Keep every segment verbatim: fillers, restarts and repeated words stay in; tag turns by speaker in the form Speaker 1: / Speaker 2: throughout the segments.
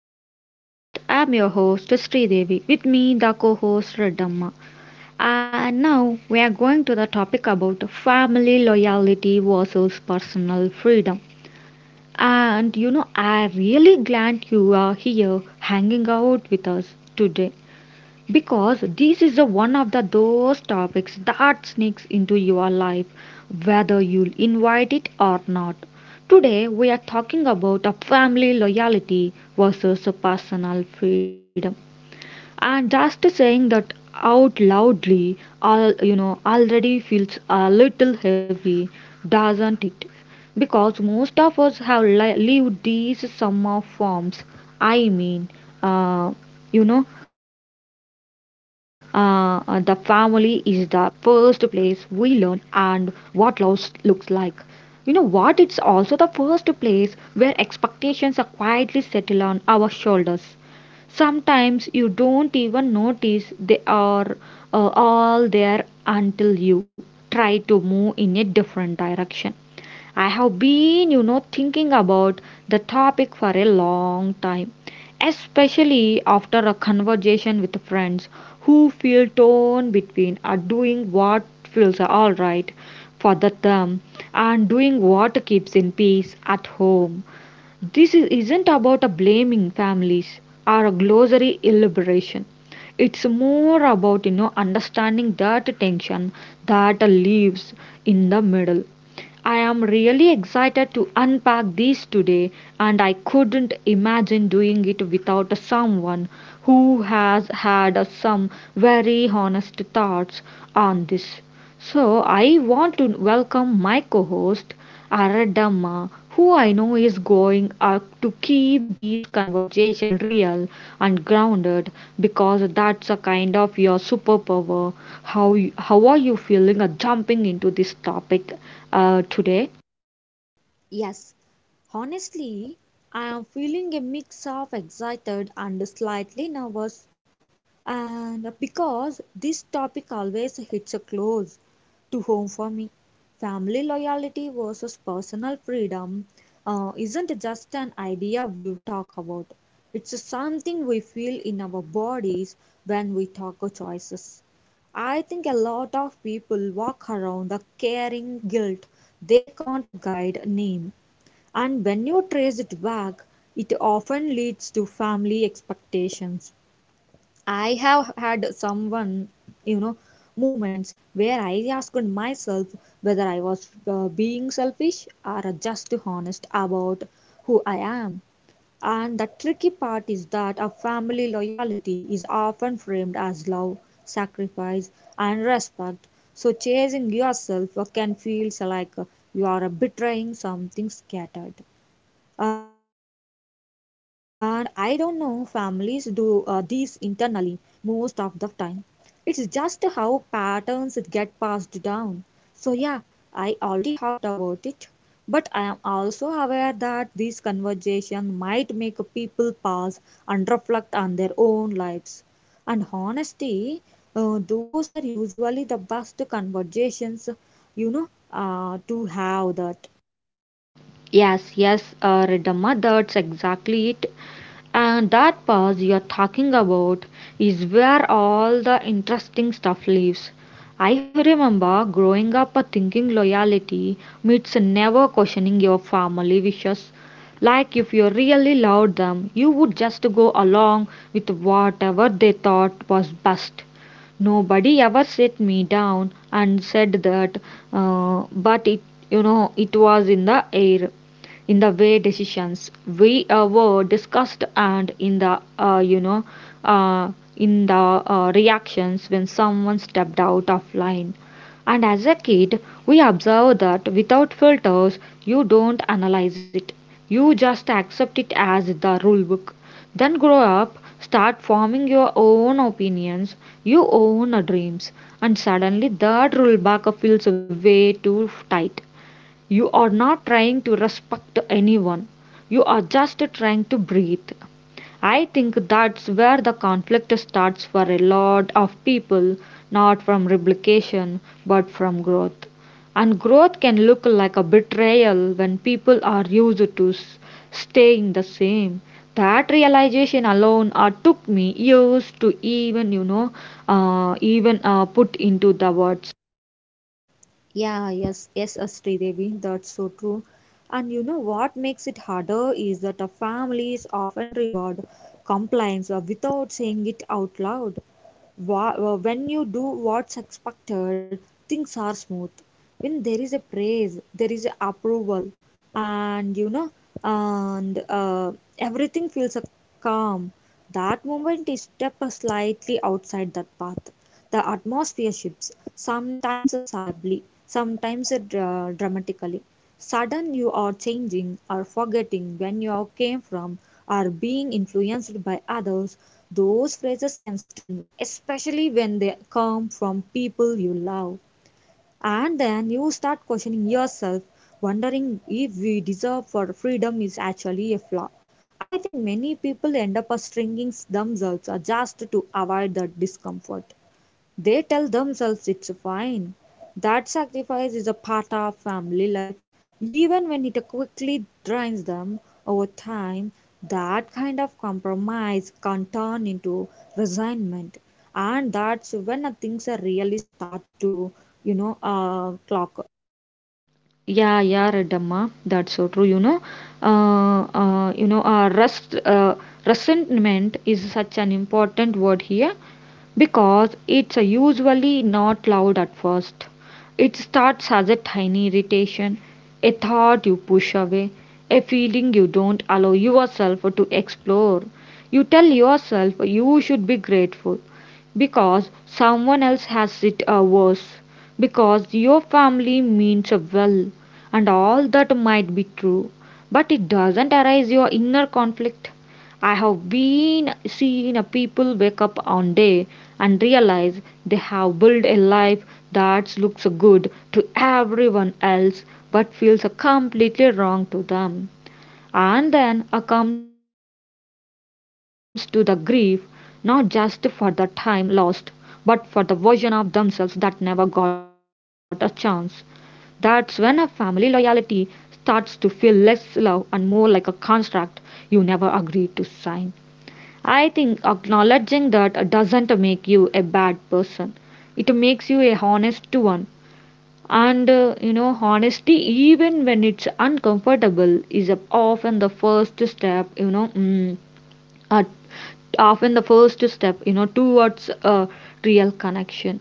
Speaker 1: to the podcast. I'm your host Sri Devi. With me the co-host Redamma. And now we are going to the topic about family loyalty versus personal freedom. And you know, I really glad you are here hanging out with us today because this is a one of the those topics that sneaks into your life whether you invite it or not. Today we are talking about a family loyalty versus a personal freedom, and just saying that out loudly all you know already feels a little heavy, doesn't it? Because most of us have li- lived these summer forms. i mean uh, you know uh, uh, the family is the first place we learn and what love looks like. You know what it's also the first place where expectations are quietly settled on our shoulders. Sometimes you don't even notice they are uh, all there until you try to move in a different direction. I have been, you know, thinking about the topic for a long time, especially after a conversation with friends who feel torn between are doing what feels all right for the term and doing what keeps in peace at home. This is- isn't about a blaming families or a glossary elaboration. It's more about you know understanding that tension that lives in the middle. I am really excited to unpack this today, and I couldn't imagine doing it without someone who has had some very honest thoughts on this. So, I want to welcome my co host, Aradamma, who I know is going up to keep these conversations real and grounded because that's a kind of your superpower. How you, how are you feeling uh, jumping into this topic uh, today?
Speaker 2: Yes, honestly, I am feeling a mix of excited and slightly nervous, and because this topic always hits a close to home for me. Family loyalty versus personal freedom uh, isn't just an idea we talk about, it's something we feel in our bodies when we talk of choices. I think a lot of people walk around the caring guilt they can't guide name, and when you trace it back, it often leads to family expectations. I have had someone, you know, moments where I asked myself whether I was uh, being selfish or just honest about who I am. And the tricky part is that a family loyalty is often framed as love, sacrifice, and respect. So chasing yourself uh, can feel like uh, you are uh, betraying something scattered. And I don't know, families do uh, these internally most of the time. It's just how patterns get passed down. So, yeah, I already talked about it, but I am also aware that this conversation might make people pause and reflect on their own lives. And honestly, uh, those are usually the best conversations, you know, uh, to have that.
Speaker 1: Yes, yes, uh, Riddhamma, that's exactly it. And that pause you're talking about is where all the interesting stuff lives. I remember growing up uh, thinking loyalty means never questioning your family wishes. Like if you really loved them, you would just go along with whatever they thought was best. Nobody ever set me down and said that, uh, but it, you know, it was in the air in the way decisions we uh, were discussed, and in the uh, you know uh, in the uh, reactions when someone stepped out of line. And as a kid we observe that without filters. You don't analyze it, you just accept it as the rule book. Then grow up, start forming your own opinions, your own dreams, and suddenly that rule book feels way too tight. You are not trying to respect anyone. You are just trying to breathe. I think that's where the conflict starts for a lot of people, not from replication, but from growth. And growth can look like a betrayal when people are used to s- staying the same. That realization alone uh, took me years to even, you know, uh, even uh, put into the words.
Speaker 2: Yeah, yes, yes, Astri Devi, that's so true. And you know what makes it harder is that our families often reward compliance uh, without saying it out loud. Wha- uh, When you do what's expected, things are smooth. When there is a praise, there is a approval, and you know, and uh, everything feels uh, calm. That moment is step slightly outside that path. The atmosphere shifts, sometimes sadly, sometimes dra- dramatically. Sudden, you are changing or forgetting when you came from, or being influenced by others. Those phrases can sting, especially when they come from people you love. And then you start questioning yourself, wondering if we deserve for freedom is actually a flaw. I think many people end up stringing themselves uh, just to avoid that discomfort. They tell themselves it's fine. That sacrifice is a part of family life. Even when it quickly drains them over time, that kind of compromise can turn into resignment. And that's when uh, things uh, really start to, you know, uh, clock.
Speaker 1: Yeah, yeah, Reddamma, that's so true. You know, uh, uh, you know, uh, rust, uh, resentment is such an important word here because it's uh, usually not loud at first. It starts as a tiny irritation, a thought you push away, a feeling you don't allow yourself to explore. You tell yourself you should be grateful because someone else has it uh, worse, because your family means well, and all that might be true, but it doesn't arise your inner conflict. I have been seen a people wake up on day and realize they have built a life that looks good to everyone else but feels completely wrong to them. And then uh, comes to the grief, not just for the time lost, but for the version of themselves that never got a chance. That's when a family loyalty starts to feel less love and more like a contract you never agreed to sign. I think acknowledging that doesn't make you a bad person. It makes you a honest one. And uh, you know, honesty, even when it's uncomfortable, is often the first step, you know, mm, uh, often the first step, you know, towards a real connection.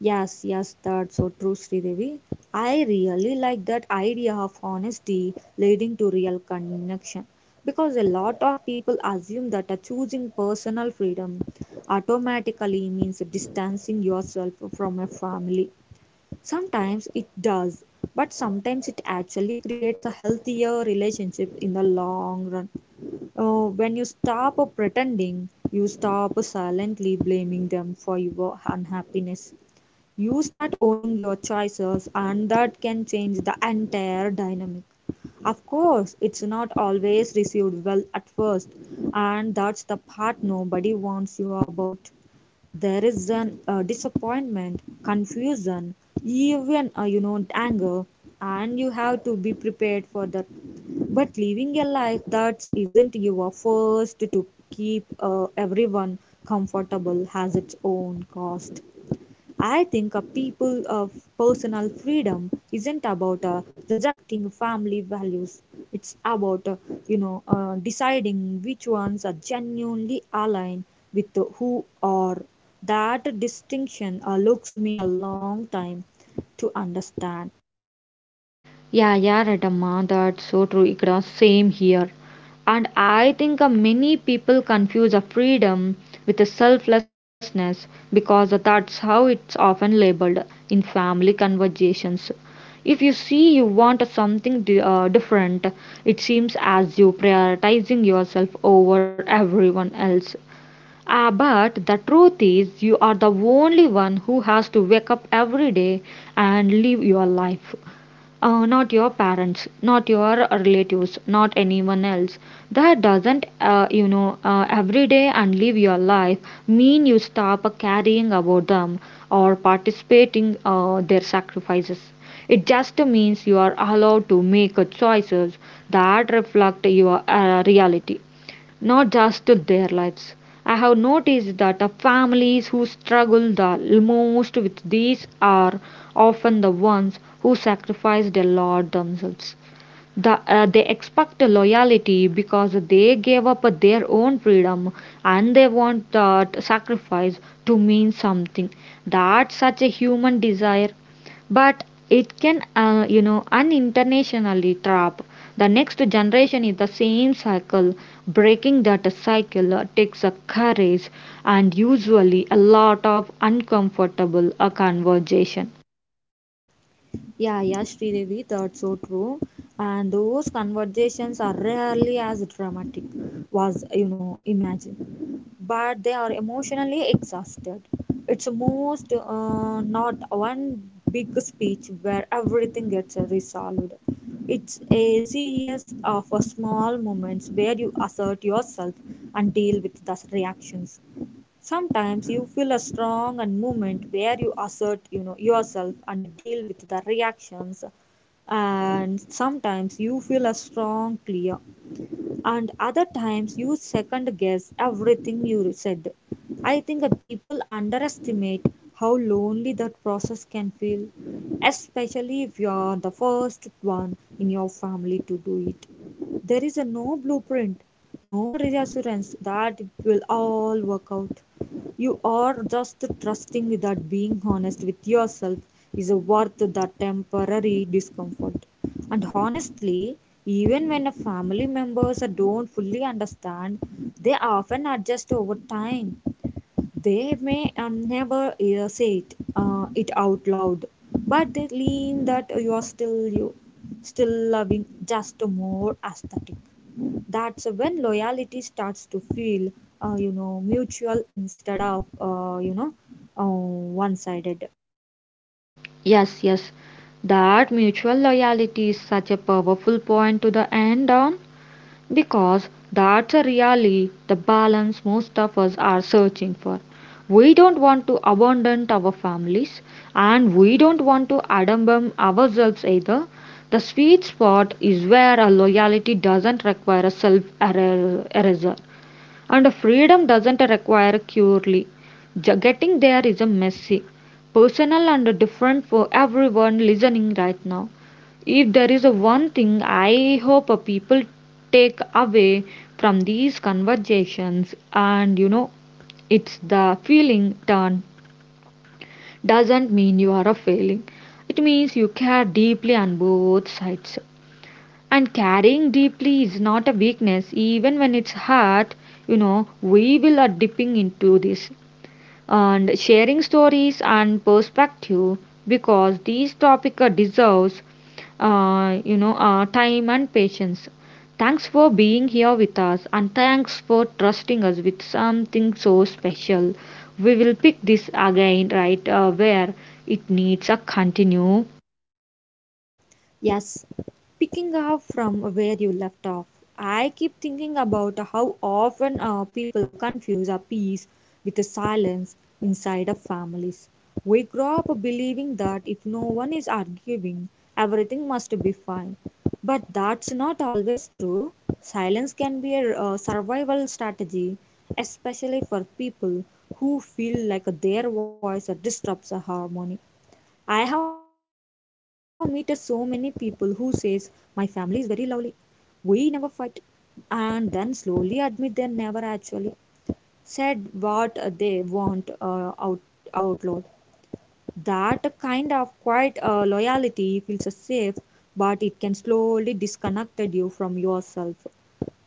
Speaker 2: Yes, yes, that's so true, Sridevi. I really like that idea of honesty leading to real connection because a lot of people assume that uh, choosing personal freedom automatically means distancing yourself from a family. Sometimes it does, but sometimes it actually creates a healthier relationship in the long run. Oh, when you stop pretending, you stop silently blaming them for your unhappiness, you start owning your choices, and that can change the entire dynamic. Of course, it's not always received well at first, and that's the part nobody warns you about. There is an uh, disappointment, confusion, even uh, you know anger, and you have to be prepared for that. But living a life that isn't your first to keep uh, everyone comfortable has its own cost. I think a people of personal freedom isn't about uh, rejecting family values. It's about uh, you know uh, deciding which ones are genuinely aligned with who are. That distinction uh, looks me a long time to understand.
Speaker 1: Yeah, yeah, Ratama, that's so true. Ikra, same here. And I think uh, many people confuse a freedom with a selflessness because uh, that's how it's often labeled in family conversations. If you see you want a something di- uh, different, it seems as you prioritizing yourself over everyone else. Ah, but the truth is, you are the only one who has to wake up every day and live your life. Uh, not your parents, not your relatives, not anyone else. That doesn't, uh, you know, uh, every day and live your life mean you stop caring about them or participating uh, their sacrifices. It just means you are allowed to make choices that reflect your uh, reality, not just to their lives. I have noticed that the families who struggle the most with these are often the ones who sacrificed a lot themselves. The, uh, they expect loyalty because they gave up their own freedom and they want that sacrifice to mean something. That's such a human desire, but it can, uh, you know, unintentionally trap the next generation in the same cycle. Breaking that cycle uh, takes a courage and usually a lot of uncomfortable uh, conversation.
Speaker 2: Yeah, yeah, Sridevi, that's so true. And those conversations are rarely as dramatic, was you know, imagine. But they are emotionally exhausted. It's most uh, not one big speech where everything gets resolved. It's a series of uh, small moments where you assert yourself and deal with the reactions. Sometimes you feel a strong and movement where you assert you know yourself and deal with the reactions, and sometimes you feel a strong clear, and other times you second guess everything you said. I think the people underestimate how lonely that process can feel, especially if you are the first one in your family to do it. There is a no blueprint, no reassurance that it will all work out. You are just trusting that being honest with yourself is worth the temporary discomfort. And honestly, even when a family members don't fully understand, they often adjust over time. They may uh, never uh, say it, uh, it out loud, but they lean that you are still you, still loving, just more aesthetic. That's when loyalty starts to feel uh, you know mutual instead of uh, you know uh, one sided.
Speaker 1: Yes, yes. That mutual loyalty is such a powerful point to the end on because that's a really the balance most of us are searching for. We don't want to abandon our families, and we don't want to abandon ourselves either. The sweet spot is where a loyalty doesn't require a self erasure. And freedom doesn't require purely. Ju- Getting there is a messy, personal, and different for everyone listening right now. If there is a one thing I hope a people take away from these conversations, and you know, it's the feeling turn doesn't mean you are a failing. It means you care deeply on both sides. And carrying deeply is not a weakness, even when it's hard. You know, we will are dipping into this and sharing stories and perspective because these topic uh, deserves uh, you know uh, time and patience. Thanks for being here with us, and thanks for trusting us with something so special. We will pick this again right uh, where it needs a continue.
Speaker 2: Yes, picking up from where you left off, I keep thinking about how often uh, people confuse a peace with a silence inside of families. We grow up believing that if no one is arguing, everything must be fine. But that's not always true. Silence can be a uh, survival strategy, especially for people who feel like their voice disrupts a harmony. I have met so many people who says my family is very lovely. We never fight, and then slowly admit they never actually said what they want uh, out out loud. That kind of quiet uh, loyalty feels safe, but it can slowly disconnect you from yourself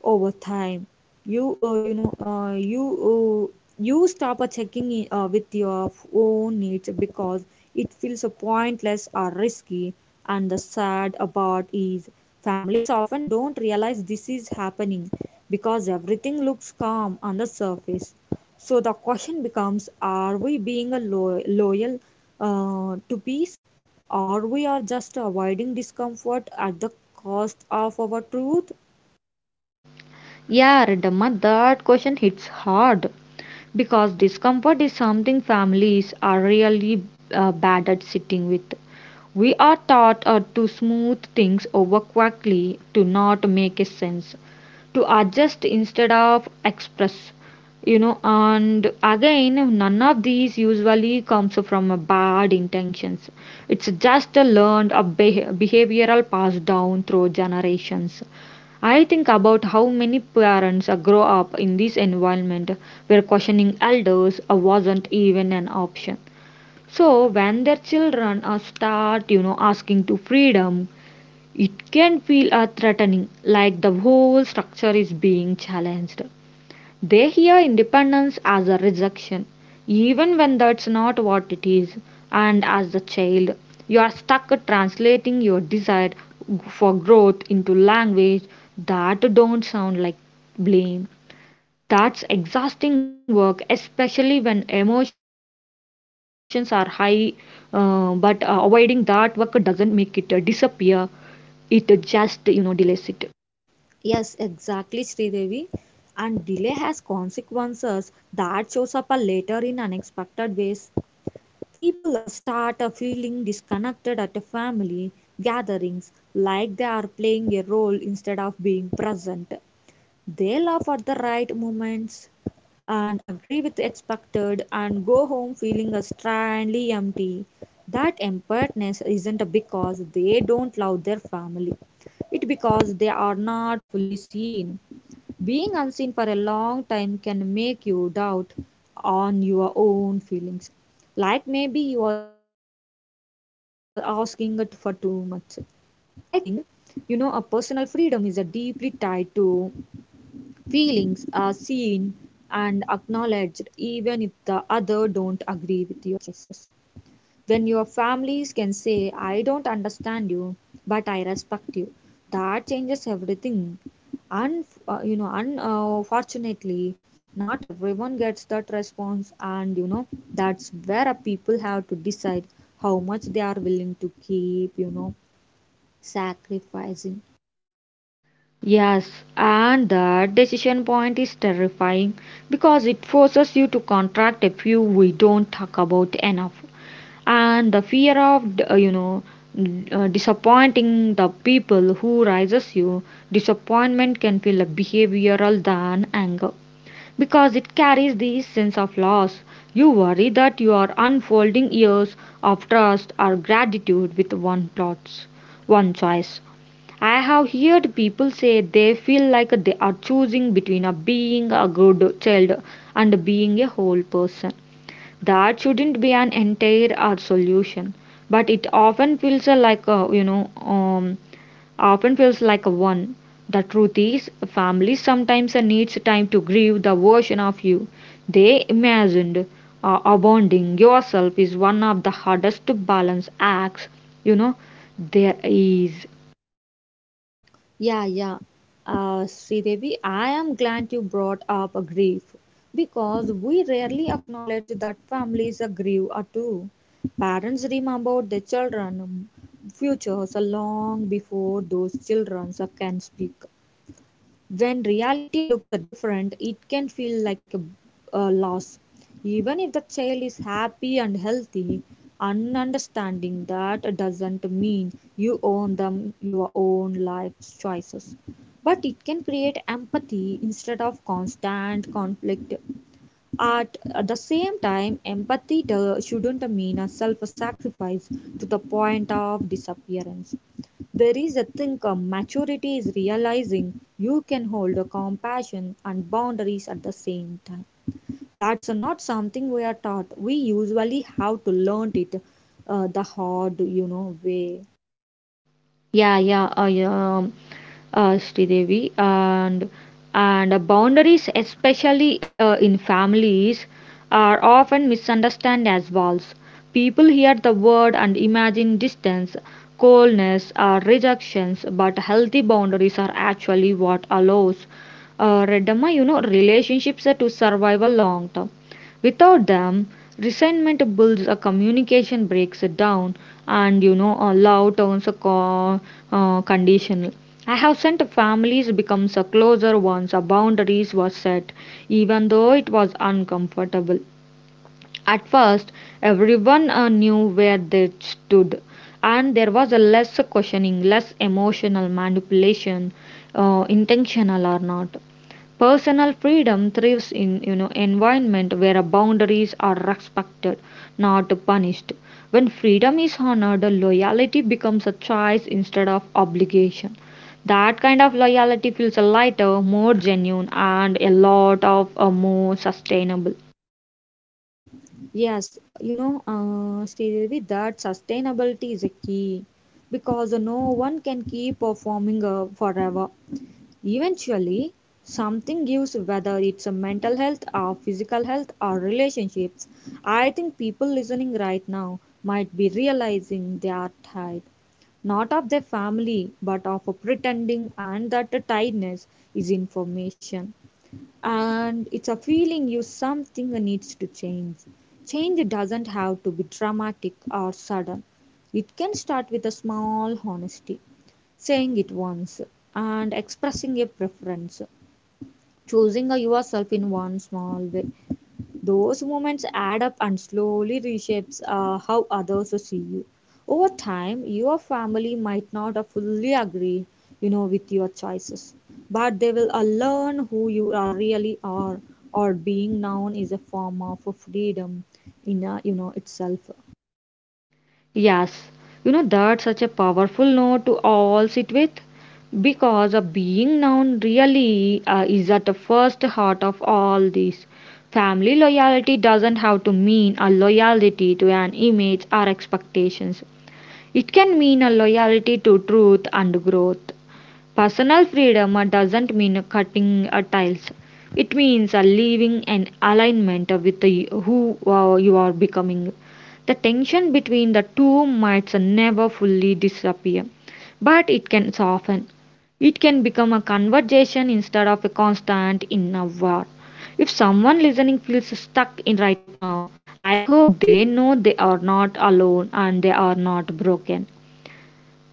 Speaker 2: over time. You uh, you know uh, you uh, you stop uh, checking in, uh, with your own needs because it feels uh, pointless or risky. And the sad about is families often don't realize this is happening because everything looks calm on the surface. So the question becomes, are we being a lo- loyal uh, to peace, or we are just avoiding discomfort at the cost of our truth?
Speaker 1: Yeah, Riddhamma, that question hits hard because discomfort is something families are really uh, bad at sitting with. We are taught uh, to smooth things over quickly, to not make a sense, to adjust instead of express. You know, and again, none of these usually comes from a bad intentions. It's just a learned a beh behavioral passed down through generations. I think about how many parents uh, grow up in this environment where questioning elders uh, wasn't even an option. So when their children uh, start, you know, asking to freedom, it can feel uh, threatening, like the whole structure is being challenged. They hear independence as a rejection, even when that's not what it is. And as a child, you are stuck translating your desire for growth into language that don't sound like blame. That's exhausting work, especially when emotions are high, uh, but uh, avoiding that work doesn't make it uh, disappear, it uh, just, you know, delays it.
Speaker 2: Yes, exactly, Sridevi. And delay has consequences that shows up a later in unexpected ways. People uh, start uh, feeling disconnected at a family gatherings, like they are playing a role instead of being present. They laugh at the right moments and agree with the expected and go home feeling strangely empty. That emptiness isn't because they don't love their family. It because they are not fully seen. Being unseen for a long time can make you doubt on your own feelings. Like maybe you are asking it for too much. I think you know a personal freedom is a deeply tied to feelings are seen and acknowledged, even if the other don't agree with your choices. When your families can say, I don't understand you, but I respect you, that changes everything. And uh, you know, unfortunately, not everyone gets that response, and you know, that's where a people have to decide how much they are willing to keep, you know, sacrificing.
Speaker 1: Yes, and that decision point is terrifying because it forces you to contract a few we don't talk about enough. And the fear of, uh, you know, uh, disappointing the people who raises you, disappointment can feel a behavioral than anger because it carries the sense of loss. You worry that you are unfolding years of trust or gratitude with one plot, one choice. I have heard people say they feel like they are choosing between a being a good child and being a whole person. That shouldn't be an entire or solution, but it often feels like a, you know um, often feels like a one. The truth is, families sometimes needs time to grieve the version of you they imagined. Uh, abandoning yourself is one of the hardest balance acts you know there is.
Speaker 2: Yeah, yeah. Uh, Sridevi, I am glad you brought up a grief because we rarely acknowledge that families are grieve uh, too. Parents remember their children' futures long before those children can speak. When reality looks different, it can feel like a, a loss. Even if the child is happy and healthy, understanding that doesn't mean you own them your own life's choices. But it can create empathy instead of constant conflict. At the same time, empathy do- shouldn't mean a self sacrifice to the point of disappearance. There is a thing of maturity is realizing you can hold a compassion and boundaries at the same time. That's not something we are taught. We usually have to learn it uh, the hard, you know, way.
Speaker 1: Yeah, yeah, uh, yeah, um, uh, Sridevi, and and uh, boundaries, especially uh, in families, are often misunderstood as walls. People hear the word and imagine distance, coldness, or rejections, but healthy boundaries are actually what allows uh, Redamma, you know, relationships to survive a long term. Without them, resentment builds, a communication breaks it down, and you know, a love turns a co- uh, conditional. I have sent families becomes a closer once a boundaries was set, even though it was uncomfortable. At first, everyone uh, knew where they stood, and there was a less questioning, less emotional manipulation, uh, intentional or not. Personal freedom thrives in you know environment where boundaries are respected, not punished. When freedom is honored, loyalty becomes a choice instead of obligation. That kind of loyalty feels lighter, more genuine, and a lot of uh, more sustainable.
Speaker 2: Yes, you know, uh, Sridevi, that sustainability is a key because no one can keep performing uh, forever. Eventually, something gives, whether it's a mental health or physical health or relationships. I think people listening right now might be realizing they are tired, not of their family, but of a pretending, and that the tiredness is information. And it's a feeling you something needs to change. Change doesn't have to be dramatic or sudden. It can start with a small honesty, saying it once, and expressing a preference, choosing a yourself in one small way. Those moments add up and slowly reshapes uh, how others see you. Over time, your family might not uh, fully agree, you know, with your choices, but they will uh, learn who you are really are. Or being known is a form of freedom in uh, you know itself.
Speaker 1: Yes, you know that's such a powerful note to all sit with because a being known really uh, is at the first heart of all this. Family loyalty doesn't have to mean a loyalty to an image or expectations. It can mean a loyalty to truth and growth. Personal freedom uh, doesn't mean cutting uh, ties. It means uh, living in alignment uh, with the, who uh, you are becoming. The tension between the two might uh, never fully disappear, but it can soften. It can become a conversation instead of a constant inner war. If someone listening feels stuck in right now, I hope they know they are not alone and they are not broken.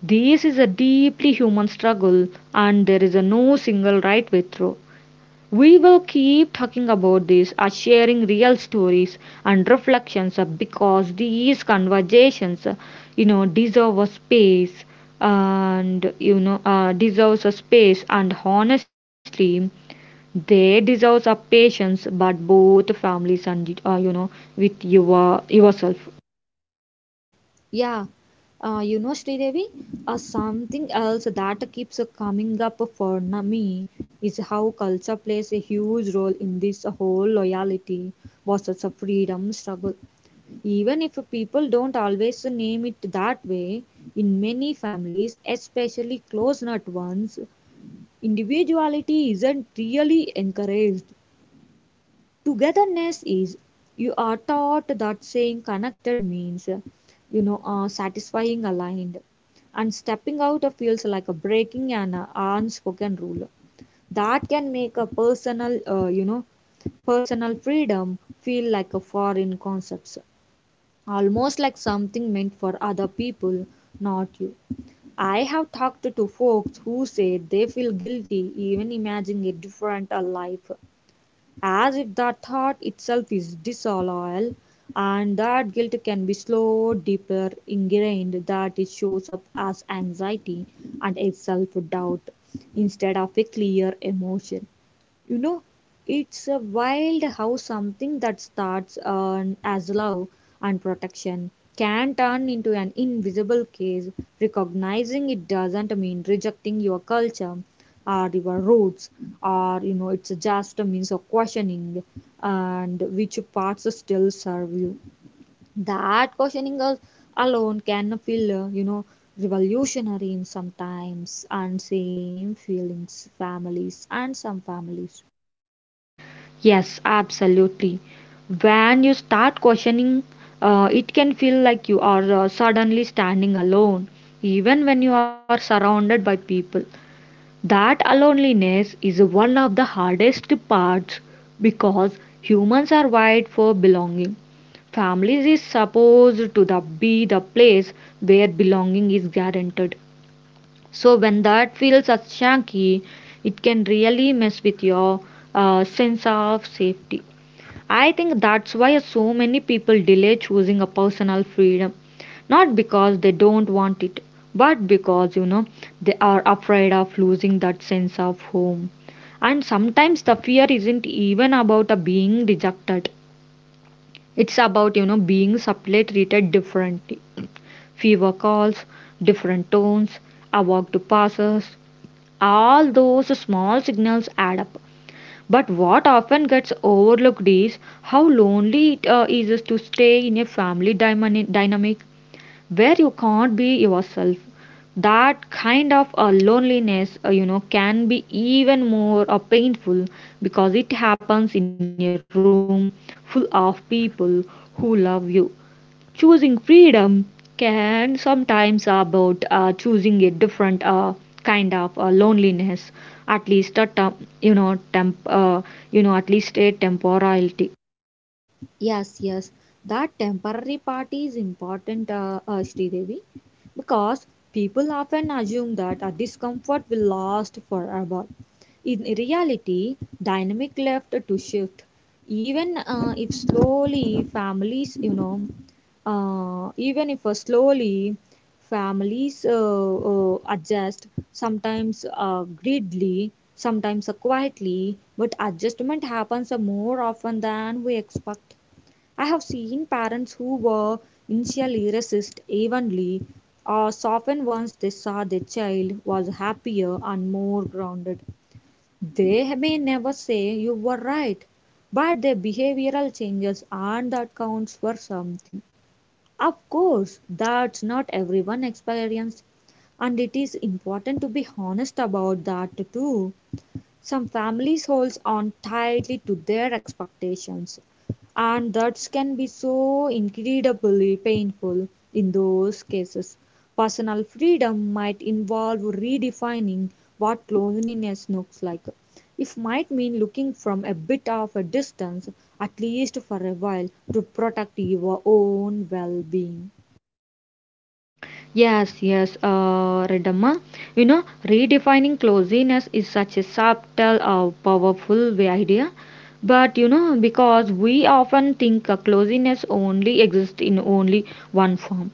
Speaker 1: This is a deeply human struggle, and there is a no single right way through. We will keep talking about this as sharing real stories and reflections uh, because these conversations, uh, you know, deserve a space and you know uh, deserves a space and honestly they deserve a patience but both families and uh, you know with your yourself.
Speaker 2: Yeah, uh, you know, Sridevi, uh, something else that keeps uh, coming up for na- me is how culture plays a huge role in this whole loyalty versus a freedom struggle. Even if people don't always name it that way, in many families, especially close-knit ones, individuality isn't really encouraged. Togetherness is. You are taught that saying connected means you know uh, satisfying aligned, and stepping out of feels like a breaking an uh, unspoken rule. That can make a personal uh, you know personal freedom feel like a foreign concept, almost like something meant for other people, not you. I have talked to folks who say they feel guilty even imagining a different uh, life, as if that thought itself is disloyal. And that guilt can be slow deeper ingrained, that it shows up as anxiety and a self doubt instead of a clear emotion. You know, it's a wild how something that starts uh, as love and protection can turn into an invisible case. Recognizing it doesn't mean rejecting your culture or your roots, or you know, it's just a means of questioning and which parts still serve you. That questioning al- alone can feel, uh, you know, revolutionary in sometimes and same feelings families and some families.
Speaker 1: Yes, absolutely. When you start questioning, uh, it can feel like you are uh, suddenly standing alone, even when you are surrounded by people. That loneliness is one of the hardest parts because humans are wired for belonging. Families is supposed to the, be the place where belonging is guaranteed. So when that feels a shanky, it can really mess with your uh, sense of safety. I think that's why so many people delay choosing a personal freedom, not because they don't want it, but because you know they are afraid of losing that sense of home. And sometimes the fear isn't even about uh, being rejected. It's about you know being subtly treated differently. Fewer calls, different tones, a walk to passes, all those small signals add up. But what often gets overlooked is how lonely it uh, is to stay in a family dymani- dynamic where you can't be yourself. That kind of uh, loneliness, uh, you know, can be even more uh, painful because it happens in a room full of people who love you. Choosing freedom can sometimes about uh, choosing a different uh, kind of uh, loneliness, at least a temp, you know temp- uh, you know at least a temporality.
Speaker 2: Yes, yes. That temporary part is important, uh, uh, Devi, because people often assume that a discomfort will last forever. In reality, dynamic left to shift. Even uh, if slowly, families, you know, uh, even if uh, slowly, families uh, uh, adjust, sometimes uh, greedily, sometimes uh, quietly, but adjustment happens uh, more often than we expect. I have seen parents who were initially resist evenly or soften once they saw their child was happier and more grounded. They may never say you were right, but their behavioral changes and that counts for something. Of course, that's not everyone experienced, and it is important to be honest about that too. Some families holds on tightly to their expectations, and that can be so incredibly painful. In those cases, personal freedom might involve redefining what loneliness looks like. It might mean looking from a bit of a distance, at least for a while, to protect your own well being.
Speaker 1: Yes, yes, uh, Redamma. You know, redefining closeness is such a subtle, uh, powerful way idea. But you know, because we often think uh, closeness only exists in only one form.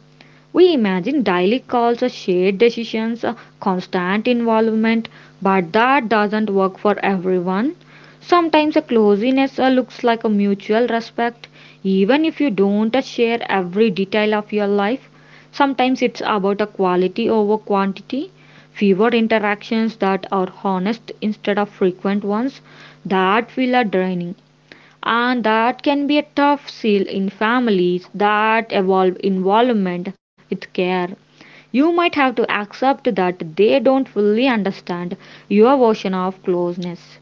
Speaker 1: We imagine daily calls, uh, shared decisions, uh, constant involvement, but that doesn't work for everyone. Sometimes a closeness uh, looks like a mutual respect, even if you don't uh, share every detail of your life. Sometimes it's about a quality over quantity, fewer interactions that are honest instead of frequent ones that feel are draining. And that can be a tough seal in families that evolve involvement with care. You might have to accept that they don't fully understand your version of closeness,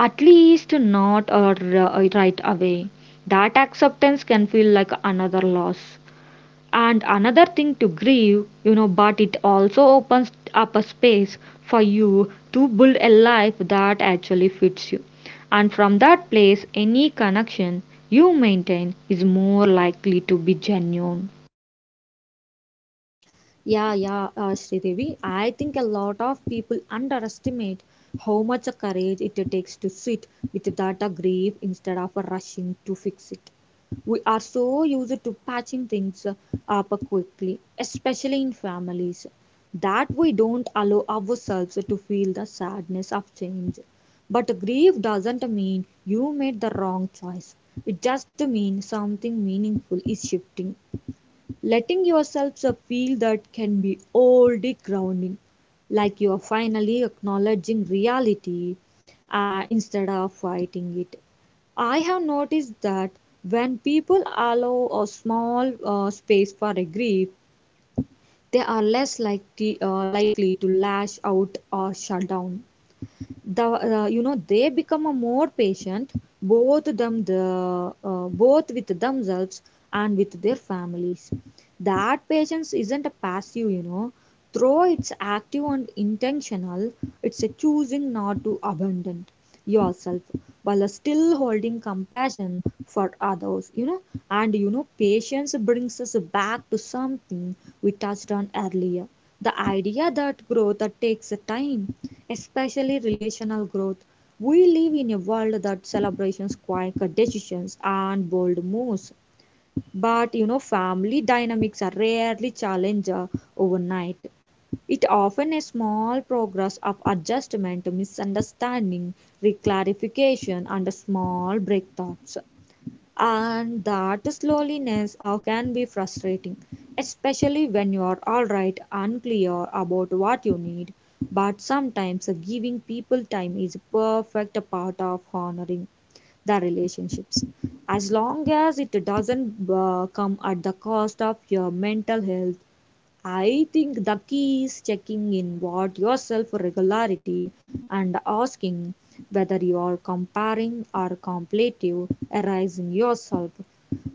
Speaker 1: at least not or, uh, right away. That acceptance can feel like another loss and another thing to grieve, you know, but it also opens up a space for you to build a life that actually fits you. And from that place any connection you maintain is more likely to be genuine.
Speaker 2: Yeah, yeah, uh, Sridevi. I think a lot of people underestimate how much courage it takes to sit with that uh, grief instead of rushing to fix it. We are so used to patching things up quickly, especially in families, that we don't allow ourselves to feel the sadness of change. But grief doesn't mean you made the wrong choice. It just means something meaningful is shifting. Letting yourself a feel that can be already grounding, like you are finally acknowledging reality uh, instead of fighting it. I have noticed that when people allow a small uh, space for a grief, they are less likely, uh, likely to lash out or shut down. The uh, You know, they become a more patient, both them the uh, both with themselves and with their families. That patience isn't a passive, you know, though it's active and intentional. It's a choosing not to abandon yourself while still holding compassion for others, you know. And you know, patience brings us back to something we touched on earlier, the idea that growth that takes time, especially relational growth. We live in a world that celebrates quick decisions and bold moves, but you know, family dynamics are rarely challenged uh, overnight. It often a small progress of adjustment, misunderstanding, reclarification, and small breakthroughs. And that slowness uh, can be frustrating, especially when you are alright, unclear about what you need. But sometimes uh, giving people time is a perfect part of honoring the relationships. As long as it doesn't uh, come at the cost of your mental health. I think the key is checking in with yourself regularity and asking whether you are comparing or competitive, arising yourself.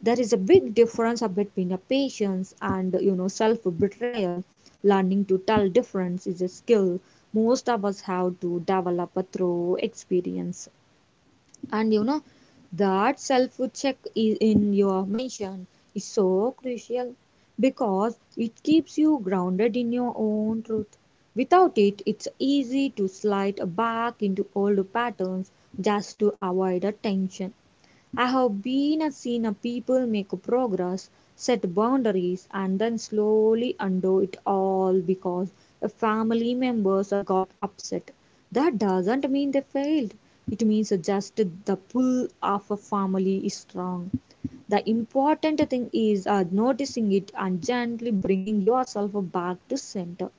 Speaker 2: There is a big difference between a patience and, you know, self betrayal. Learning to tell difference is a skill most of us have to develop through experience. And you know, that self check is in your mention is so crucial because it keeps you grounded in your own truth. Without it, it's easy to slide back into old patterns just to avoid attention. I have been a seen a people make a progress, set boundaries, and then slowly undo it all because a family members are got upset. That doesn't mean they failed. It means just the pull of a family is strong. The important thing is uh, noticing it and gently bringing yourself back to center.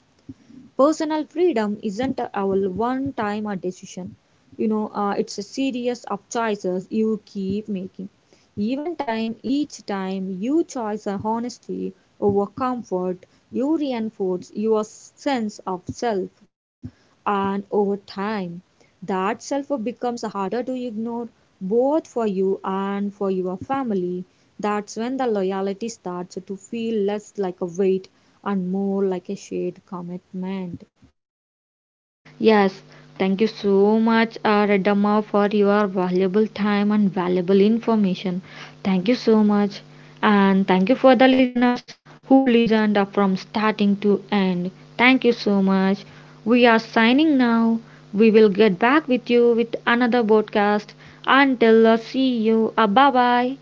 Speaker 2: Personal freedom isn't a one time a decision, you know, uh, it's a series of choices you keep making. Even time each time you choose a honesty over comfort, you reinforce your s- sense of self. And over time, that self becomes harder to ignore, both for you and for your family. That's when the loyalty starts to feel less like a weight and more like a shared commitment.
Speaker 1: Yes, thank you so much, uh, Reddamma, for your valuable time and valuable information. Thank you so much. And thank you for the listeners who listened up from starting to end. Thank you so much. We are signing now. We will get back with you with another podcast. Until uh, see you. Uh, bye bye.